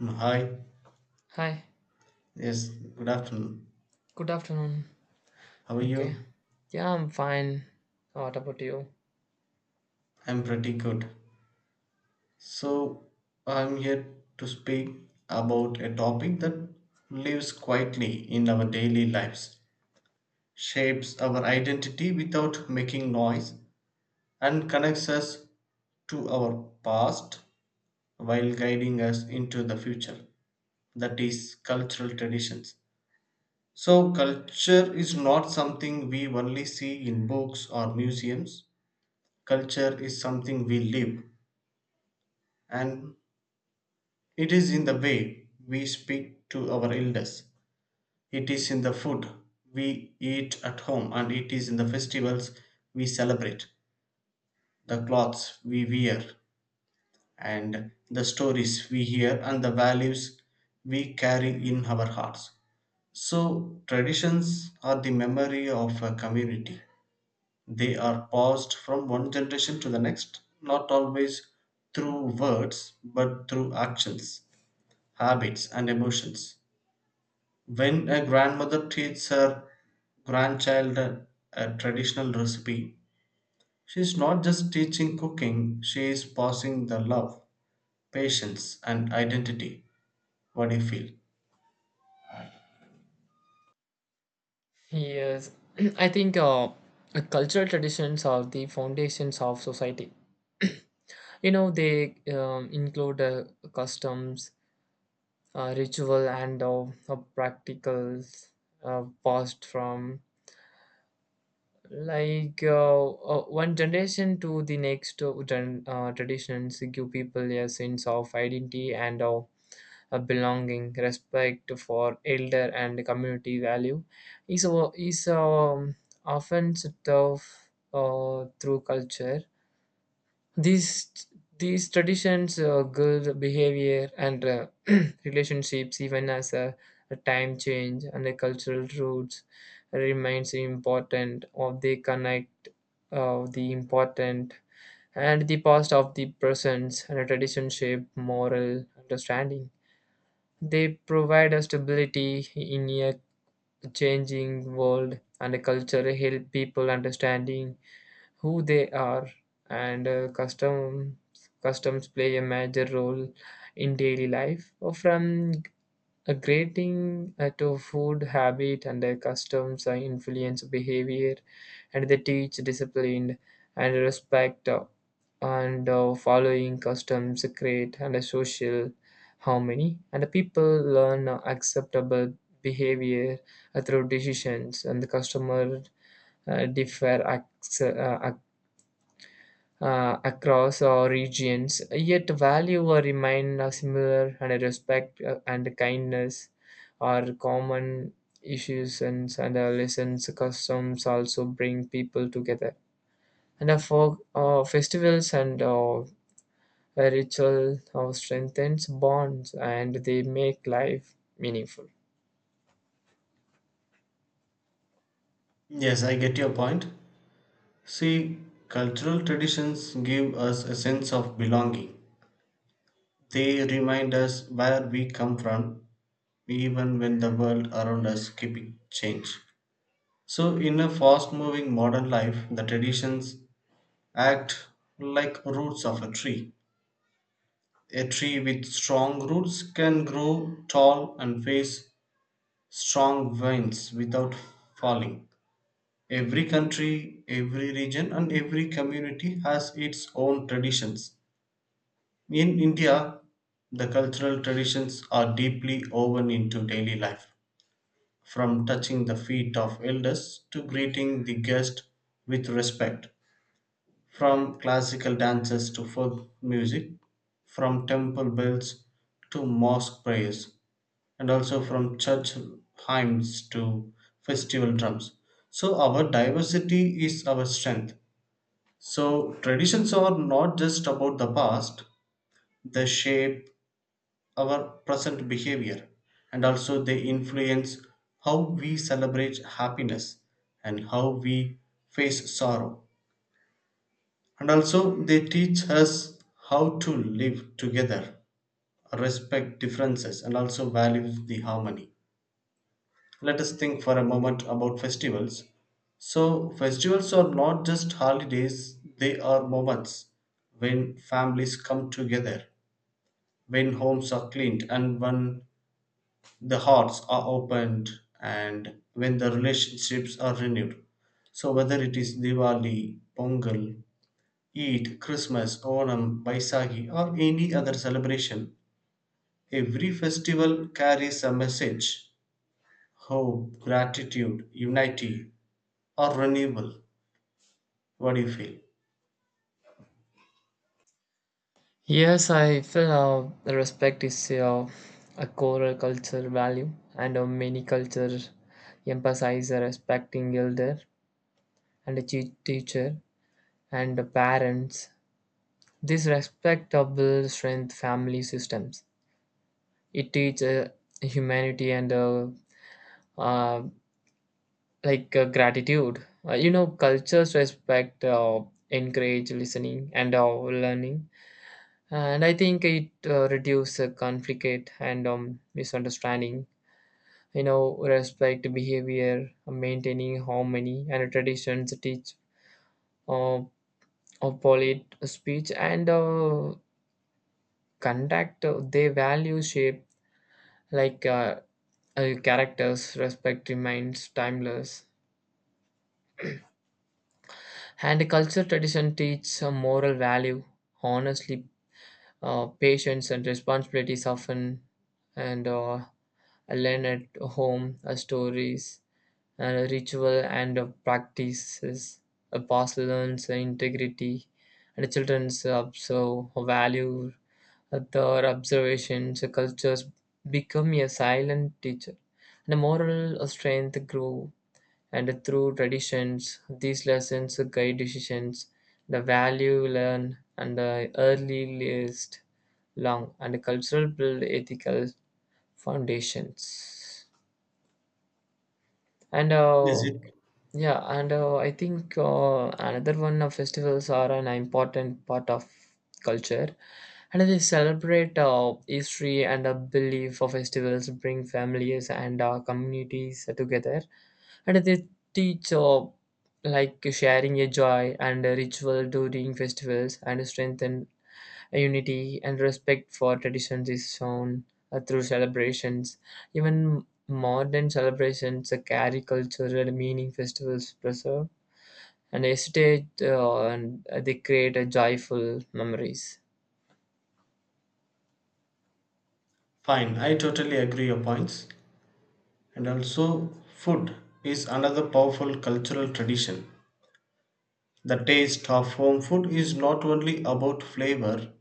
Hi. Hi, Yes, good afternoon. good afternoon. How are Okay, you? yeah, I'm fine. What about you? I'm pretty good. So, I'm here to speak about a topic that lives quietly in our daily lives, shapes our identity without making noise, and connects us to our past while guiding us into the future. That is cultural traditions. So, culture is not something we only see in books or museums. Culture is something we live, and it is in the way we speak to our elders, it is in the food we eat at home, and it is in the festivals we celebrate, the clothes we wear, and the stories we hear, and the values we carry in our hearts. So, traditions are the memory of a community. They are passed from one generation to the next, not always through words, but through actions, habits, and emotions. When a grandmother teaches her grandchild a traditional recipe, she is not just teaching cooking, she is passing the love, patience, and identity. What do you feel? Yes, I think cultural traditions are the foundations of society. You know, they include customs, ritual, and practicals passed from one generation to the next traditions give people a sense of identity and a belonging, respect for elder, and community value is often set off through culture. These these traditions guide behavior and relationships even as a time change, and the cultural roots remains important, or they connect the important and the past of the present. And a tradition shape moral understanding. They provide a stability in a changing world, and a culture help people understanding who they are. And customs customs play a major role in daily life, from a grating at a food habit, and their customs influence behavior, and they teach discipline and respect and following customs create and a social harmony. And the people learn acceptable behavior through decisions, and the customer differ acts, across our regions, yet value or remain similar, and respect and kindness are common issues and lessons customs also bring people together. And for festivals and ritual strengthens bonds, and they make life meaningful. Yes, I get your point. See, cultural traditions give us a sense of belonging. They remind us where we come from even when the world around us keeps change. So in a fast moving modern life, the traditions act like roots of a tree. A tree with strong roots can grow tall and face strong winds without falling. Every country, every region, and every community has its own traditions. In India, the cultural traditions are deeply woven into daily life. From touching the feet of elders to greeting the guest with respect, from classical dances to folk music, from temple bells to mosque prayers, and also from church hymns to festival drums. So, our diversity is our strength. So, traditions are not just about the past, they shape our present behavior and also they influence how we celebrate happiness and how we face sorrow. And also they teach us how to live together, respect differences, and also value the harmony. Let us think for a moment about festivals. So, festivals are not just holidays, they are moments when families come together, when homes are cleaned, and when the hearts are opened and when the relationships are renewed. So whether it is Diwali, Pongal, Eid, Christmas, Onam, Baisagi, or any other celebration, every festival carries a message: hope, gratitude, unity, or renewal. What do you feel? Yes, I feel respect is a core culture value, and many cultures emphasize respecting elder and a teacher and the parents. This respect builds strength family systems. It teaches humanity and uh, gratitude. You know, cultures respect encourage listening and learning, and I think it reduce conflict and misunderstanding. You know, respect behavior maintaining harmony, and traditions teach uh, of polite speech and conduct. They value shape like uh, characters. Respect remains timeless, and culture tradition teach a moral value honestly, patience and responsibilities often, and learn at home stories and ritual and practices. A past learns integrity, and the children's observe value their observations. The cultures become a silent teacher, and the moral strength grow. And through traditions, these lessons guide decisions. The value learn and the early list long, and the cultural build ethical foundations. And Is it Yeah, and I think another one of festivals are an important part of culture, and they celebrate history and a belief. Of festivals bring families and communities together, and they teach sharing a joy, and a ritual during festivals and strengthen unity, and respect for traditions is shown through celebrations. Even modern celebrations that carry cultural meaning. Festivals preserve and hesitate, and they create a joyful memories. fine? I totally agree your points. And also, food is another powerful cultural tradition. The taste of home food is not only about flavor,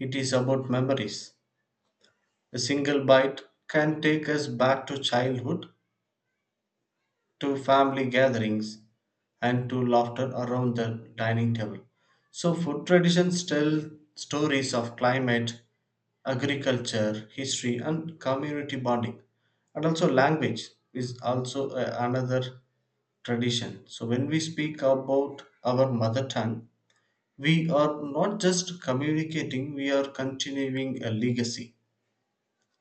it is about memories. A single bite can take us back to childhood, to family gatherings, and to laughter around the dining table. So, food traditions tell stories of climate, agriculture, history, and community bonding. And also, language is also another tradition. So, when we speak about our mother tongue, we are not just communicating, we are continuing a legacy.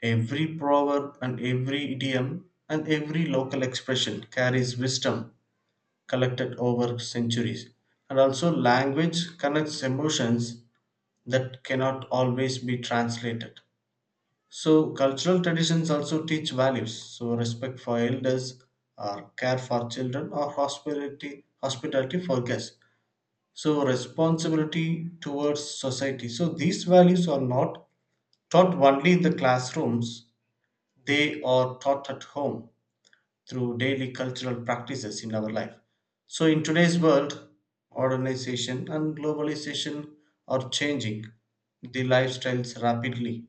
Every proverb and every idiom and every local expression carries wisdom collected over centuries. And also, language connects emotions that cannot always be translated. So, cultural traditions also teach values. So, respect for elders, or care for children, or hospitality, hospitality for guests, so responsibility towards society, so these values are not taught only in the classrooms, they are taught at home through daily cultural practices in our life. So in today's world, organization and globalization are changing the lifestyles rapidly.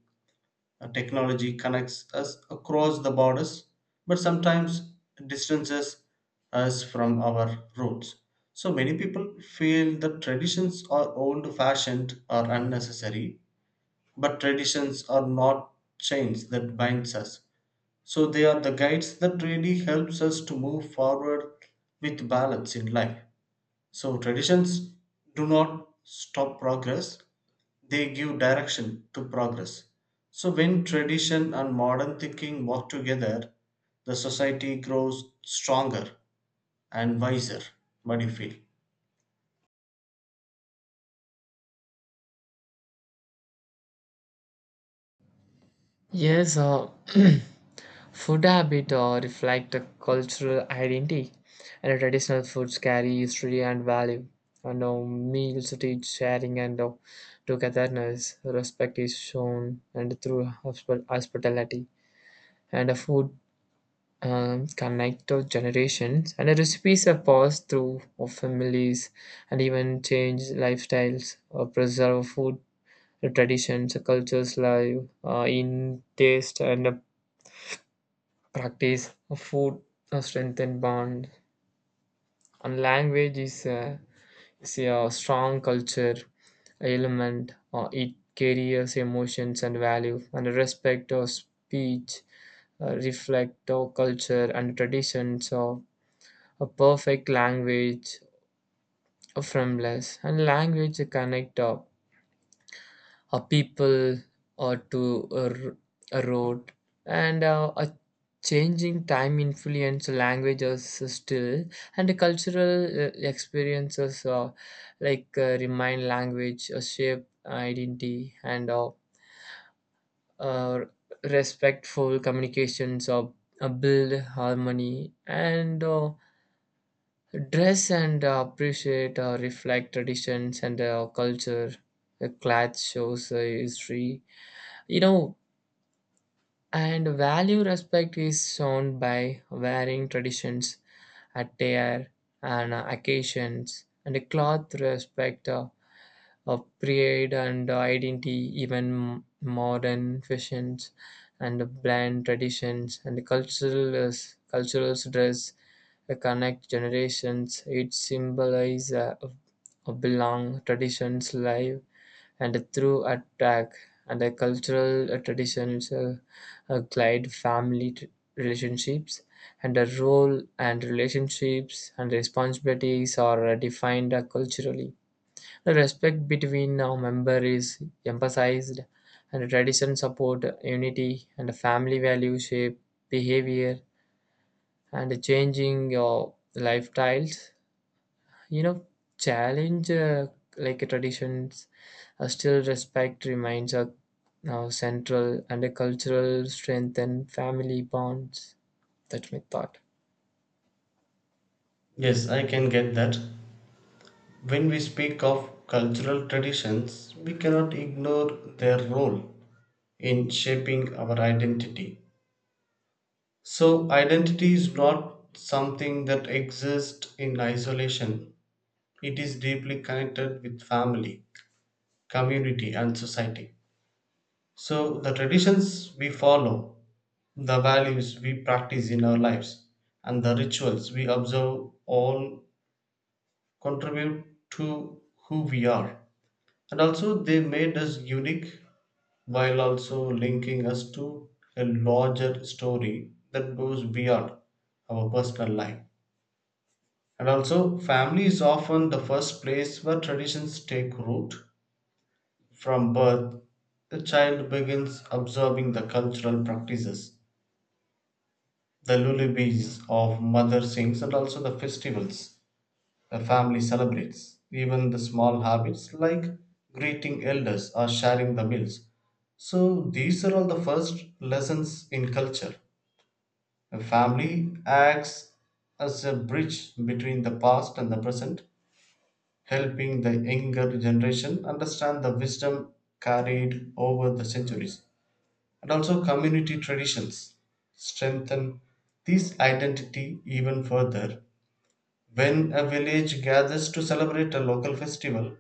Technology connects us across the borders, but sometimes distances us from our roots. So many people feel that traditions are old fashioned or unnecessary, but traditions are not chains that binds us. So they are the guides that really helps us to move forward with balance in life. So traditions do not stop progress, they give direction to progress. So, when tradition and modern thinking work together, the society grows stronger and wiser. What do you feel? Yes, food habit reflect a cultural identity, and traditional foods carry history and value. And meals teach sharing and togetherness. Respect is shown and through hospitality, and food connect to generations. And the recipes are passed through of families, and even change lifestyles or preserve food traditions, cultures live in taste and practice, food strengthen bond, and language is a strong culture element. It carries emotions and value, and respect of speech reflect our culture and traditions of a perfect language from less, and language connect up a people or a road and a changing time influence languages still, and the cultural experiences remind language shape identity and uh, respectful communications of build harmony and dress and appreciate reflect traditions and culture. The clad shows history, you know, and value. Respect is shown by wearing traditions, attire, and occasions, and a cloth respect of pride and identity. Even modern fashions and brand traditions and cultural dress connect generations. It symbolizes belong traditions live and through attack, and the cultural traditions, glide family relationships, and the role and relationships and responsibilities are defined culturally. The respect between our member is emphasized, and the tradition support unity, and the family value shape behavior, and the changing your lifestyles, you know, challenge traditions. Still, respect remains a now central, and a cultural strength and family bonds. That's my thought. Yes, I can get that. When we speak of cultural traditions, we cannot ignore their role in shaping our identity. So, identity is not something that exists in isolation, it is deeply connected with family, community, and society. So, the traditions we follow, the values we practice in our lives, and the rituals we observe all contribute to who we are. And also, they made us unique while also linking us to a larger story that goes beyond our personal life. And also, family is often the first place where traditions take root. From birth, the child begins observing the cultural practices, the lullabies of mother sings and also the festivals the family celebrates, even the small habits like greeting elders or sharing the meals. So these are all the first lessons in culture. A family acts as a bridge between the past and the present, helping the younger generation understand the wisdom carried over the centuries. And also community traditions strengthen this identity even further. When a village gathers to celebrate a local festival,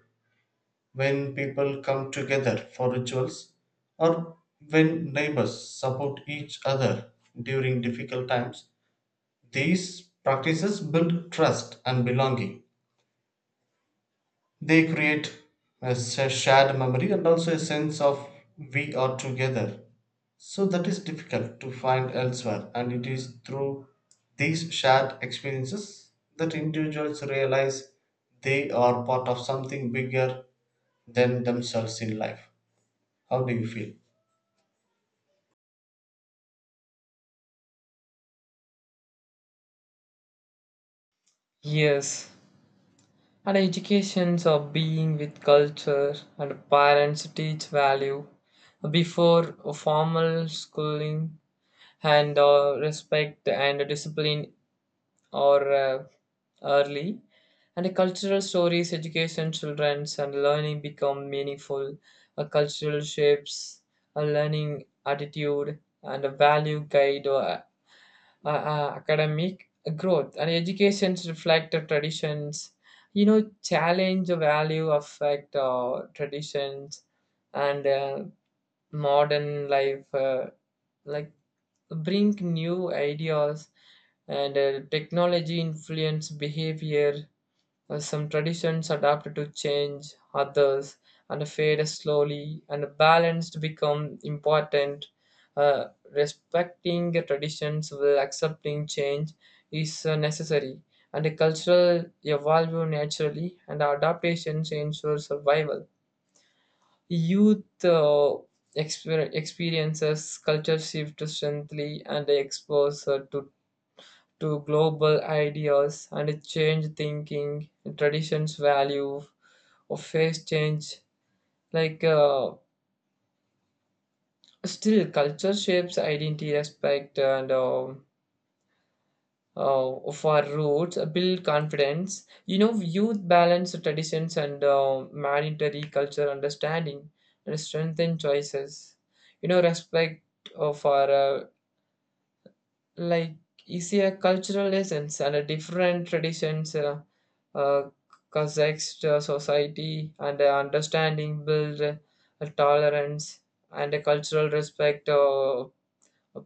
when people come together for rituals, or when neighbors support each other during difficult times, these practices build trust and belonging. They create a shared memory and also a sense of we are together. So that is difficult to find elsewhere, and it is through these shared experiences that individuals realize they are part of something bigger than themselves in life. How do you feel? Yes, and educations of being with culture, and parents teach value before formal schooling and respect and discipline or early, and cultural stories education children's and learning become meaningful. A cultural shapes a learning attitude, and a value guide or academic growth, and education reflect the traditions, you know, challenge the value affect traditions, and modern life like bring new ideas, and technology influence behavior. Some traditions adapt to change, others and fade slowly, and balance to become important. Uh, Respecting the traditions while accepting change is necessary, and the cultural evolve naturally, and adaptations ensure survival. Youth experiences culture shift strongly, and they expose to global ideas and change thinking, traditions, value, or face change. Like uh, Still, culture shapes identity, respect, and of our roots, build confidence. You know, youth balance traditions and mandatory culture understanding, and strengthen choices. You know, respect of our like is a cultural essence, and a different traditions uh, Kazakh's society, and understanding build a tolerance, and a cultural respect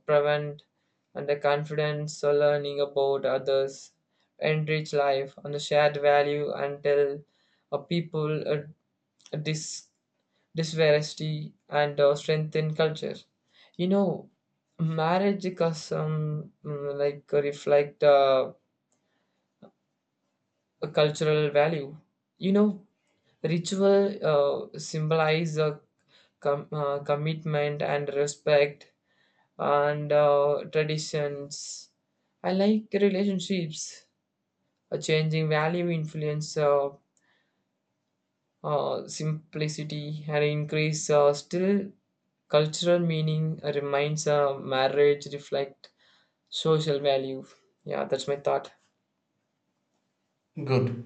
prevent and a confidence learning about others enrich life, and the shared value until a people dis disparity and strengthen culture. You know, marriage custom, reflect a cultural value. You know, ritual symbolize a commitment and respect and traditions. I like relationships. A changing value influence simplicity and increase still cultural meaning reminds marriage reflect social value. Yeah, that's my thought. Good.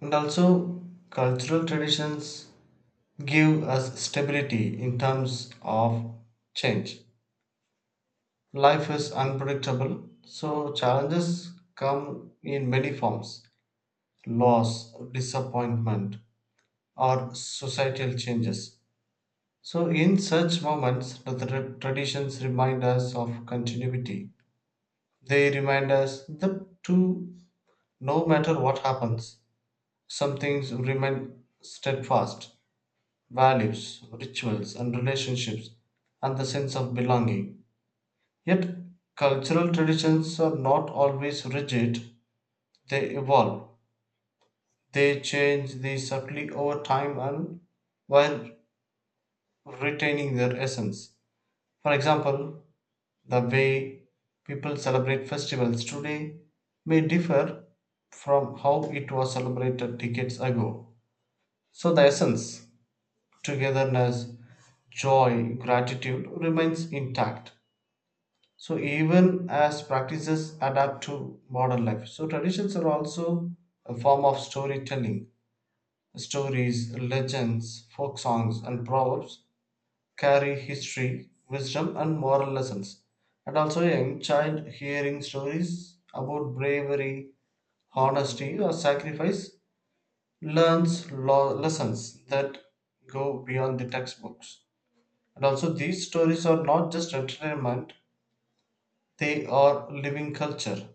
And also, cultural traditions give us stability in terms of change. Life is unpredictable, so challenges come in many forms: loss, disappointment, or societal changes. So, in such moments, the traditions remind us of continuity. They remind us that, to no matter what happens, some things remain steadfast: values, rituals, and relationships, and the sense of belonging. Yet, cultural traditions are not always rigid. They evolve. They change the subtly over time and while retaining their essence. For example, the way people celebrate festivals today may differ from how it was celebrated decades ago. So the essence, togetherness, joy, gratitude remains intact. So even as practices adapt to modern life. So traditions are also a form of storytelling. Stories, legends, folk songs, and proverbs carry history, wisdom, and moral lessons. And also, a young child hearing stories about bravery, honesty, or sacrifice learns lessons that go beyond the textbooks. And also, these stories are not just entertainment, they are living culture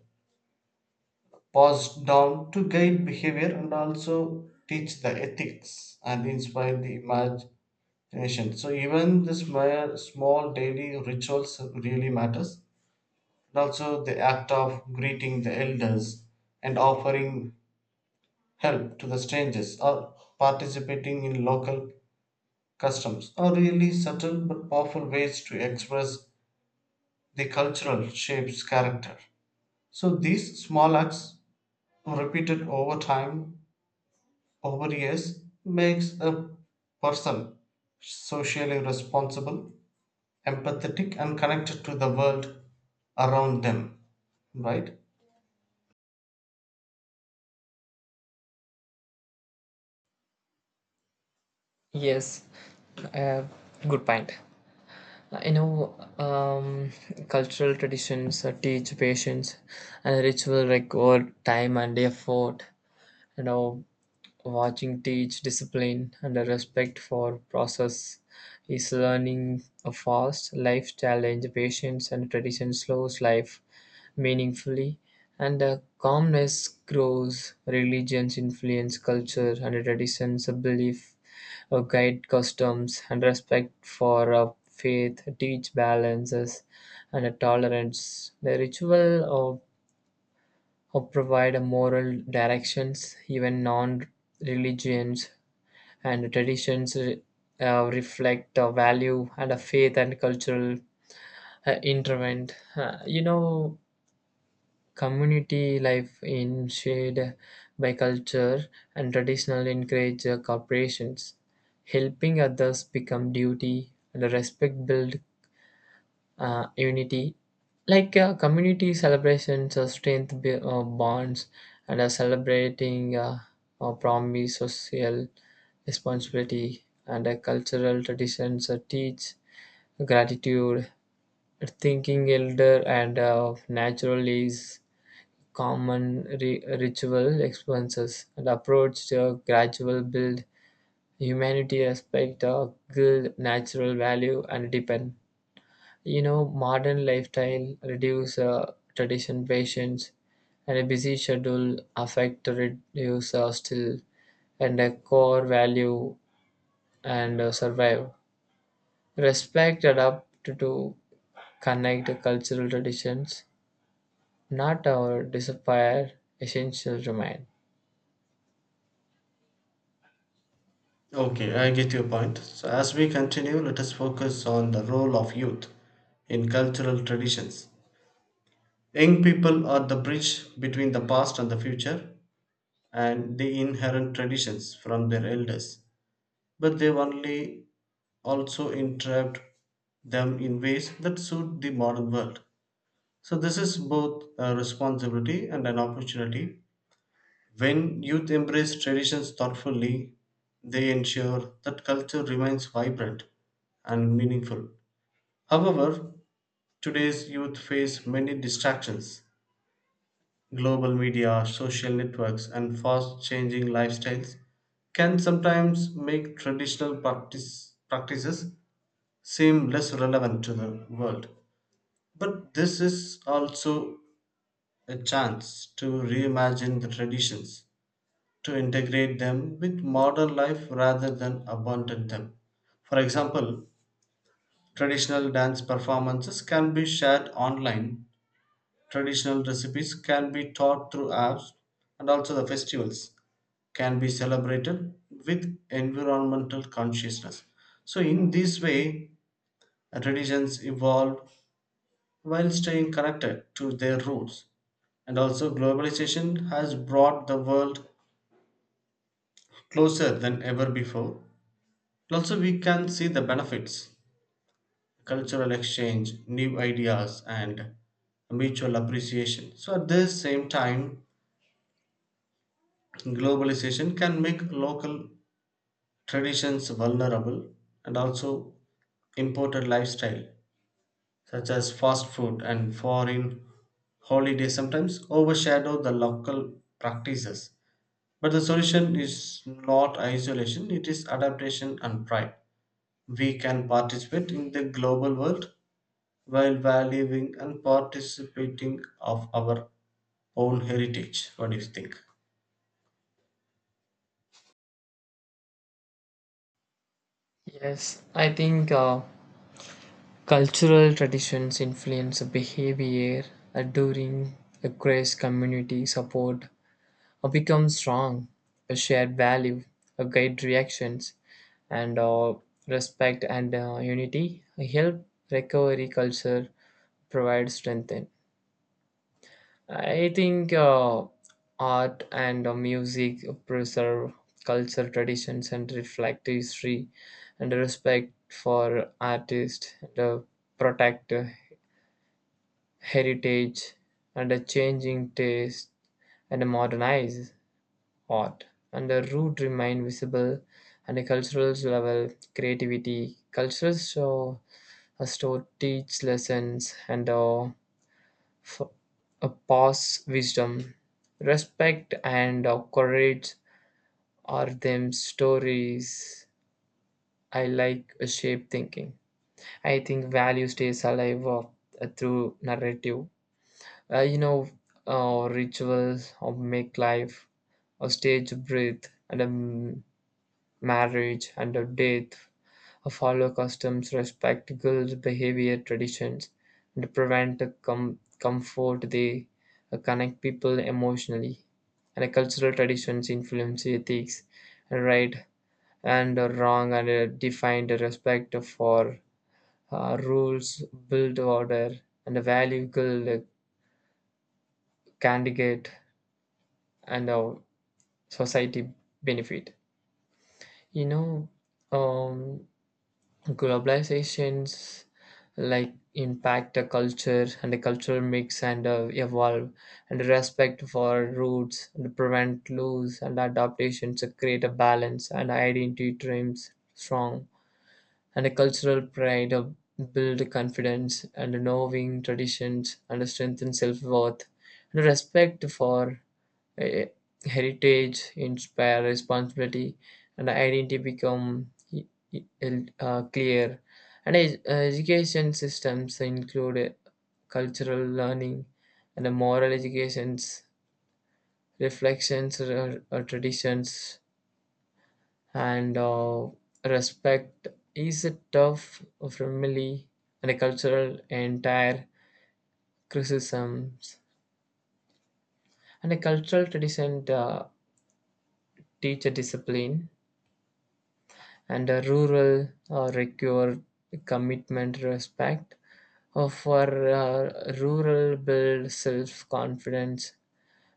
passed down to guide behavior and also teach the ethics and inspire the imag- Ancient. So even the small, small daily rituals really matters. And also the act of greeting the elders and offering help to the strangers or participating in local customs are really subtle but powerful ways to express the cultural shape's character. So these small acts repeated over time, over years, makes a person socially responsible, empathetic and connected to the world around them, right? Yes, uh, good point. You know, cultural traditions teach patience, and ritual record time and effort. You know, watching teach discipline and a respect for process is learning. A fast life challenge patience, and tradition slows life meaningfully, and a calmness grows. Religions influence culture and traditions, a belief a guide customs, and respect for a faith teach balances and a tolerance. The ritual of, or provide a moral directions, even non religions and traditions reflect a value and a faith and cultural interment. You know, community life in shade by culture, and traditional encourage corporations. Helping others become duty, and respect build unity. Community celebrations strength bonds, and celebrating promise social responsibility, and cultural traditions teach gratitude thinking elder, and natural is common ritual expenses, and approach to gradual build humanity respect good natural value and depend. You know, modern lifestyle, reduce tradition patience, and a busy schedule affect to reduce still, and a core value and survive. Respect adapt to connect the cultural traditions, not our disappear essential remain. Okay, I get your point. So, as we continue, let us focus on the role of youth in cultural traditions. Young people are the bridge between the past and the future, and they inherit traditions from their elders, but they only also interrupt them in ways that suit the modern world. So, this is both a responsibility and an opportunity. When youth embrace traditions thoughtfully, they ensure that culture remains vibrant and meaningful. However, today's youth face many distractions. Global media, social networks, and fast changing lifestyles can sometimes make traditional practices seem less relevant to the world. But this is also a chance to reimagine the traditions to integrate them with modern life rather than abandon them. For example, traditional dance performances can be shared online, traditional recipes can be taught through apps, and also the festivals can be celebrated with environmental consciousness. So, in this way, traditions evolve while staying connected to their roots. And also, globalization has brought the world closer than ever before. Also, we can see the benefits: cultural exchange, new ideas, and mutual appreciation. So, at the same time, globalization can make local traditions vulnerable, and also imported lifestyle, such as fast food and foreign holidays, sometimes overshadow the local practices. But the solution is not isolation, it is adaptation and pride. We can participate in the global world while valuing and participating of our own heritage. What do you think? Yes, I think cultural traditions influence behavior during a grace community support, or become strong, a shared value, a guide reactions, and respect and unity help recovery culture provide strength. In. I think art and music preserve culture traditions and reflect history, and respect for artists, and protect heritage, and a changing taste and modernize art, and the root remain visible, and a cultural level creativity. Cultures show a store teach lessons, and f- a pass wisdom. Respect and courage are them stories. I like Shape thinking. I think value stays alive through narrative. You know, rituals or make life or stage breathe, and marriage and of death follow customs, respect girls' behavior, traditions, and prevent comfort. They connect people emotionally. And cultural traditions influence ethics, right and wrong, and define the respect for rules, build order, and the value girl candidate and our society benefit. You know, um, globalizations impact a culture, and a cultural mix and evolve, and respect for roots and prevent loss and adaptations to create a balance, and identity dreams strong, and a cultural pride of build confidence, and knowing traditions and strengthen self-worth, and respect for eh, heritage inspire responsibility, and identity become e- e- clear, and education systems include cultural learning, and the moral educations reflections or traditions, and respect is a tough family and a cultural entire criticisms, and a cultural tradition teach a discipline, and a rural require commitment respect for rural build self-confidence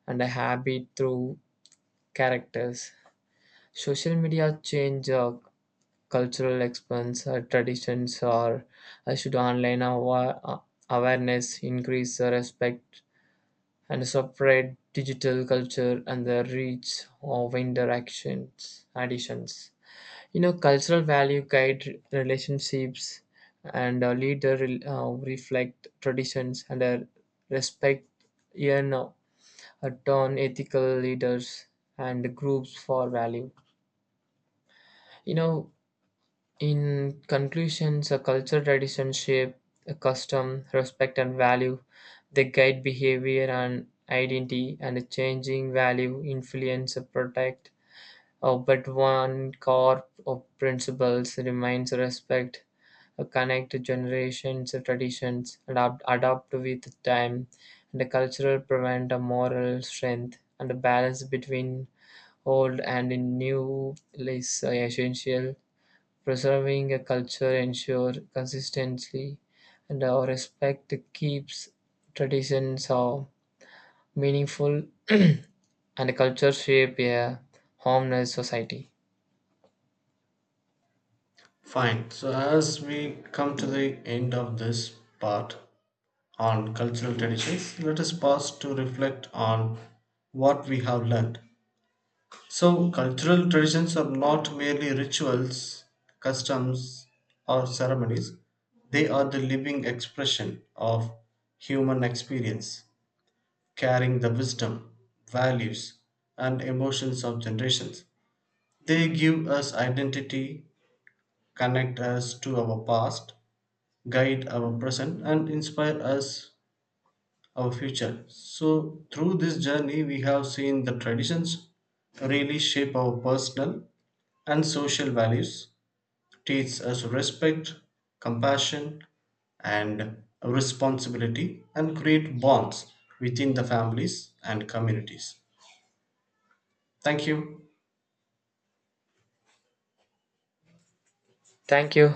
and a habit through characters. Social media change cultural expense traditions or should online awareness increase respect, and separate digital culture, and the reach of interactions additions. You know, cultural value guide relationships, and reflect traditions and respect, you know, a turn ethical leaders and groups for value. You know, in conclusions, a culture, tradition, shape, a custom, respect, and value, they guide behavior and identity, and a changing value, influence, protect. But one core of principles remains respect, connect generations, traditions, and adapt with time, and the cultural prevent a moral strength, and the balance between old and new is essential. Preserving a culture ensure consistency, and our respect keeps traditions are meaningful and the culture shape a harmonious society. Fine. So as we come to the end of this part on cultural traditions, let us pause to reflect on what we have learned. So cultural traditions are not merely rituals, customs, or ceremonies. They are the living expression of human experience, carrying the wisdom, values, and emotions of generations. They give us identity, connect us to our past, guide our present, and inspire us our future. So, through this journey, we have seen the traditions really shape our personal and social values, teach us respect, compassion, and responsibility, and create bonds within the families and communities. Thank you. Thank you.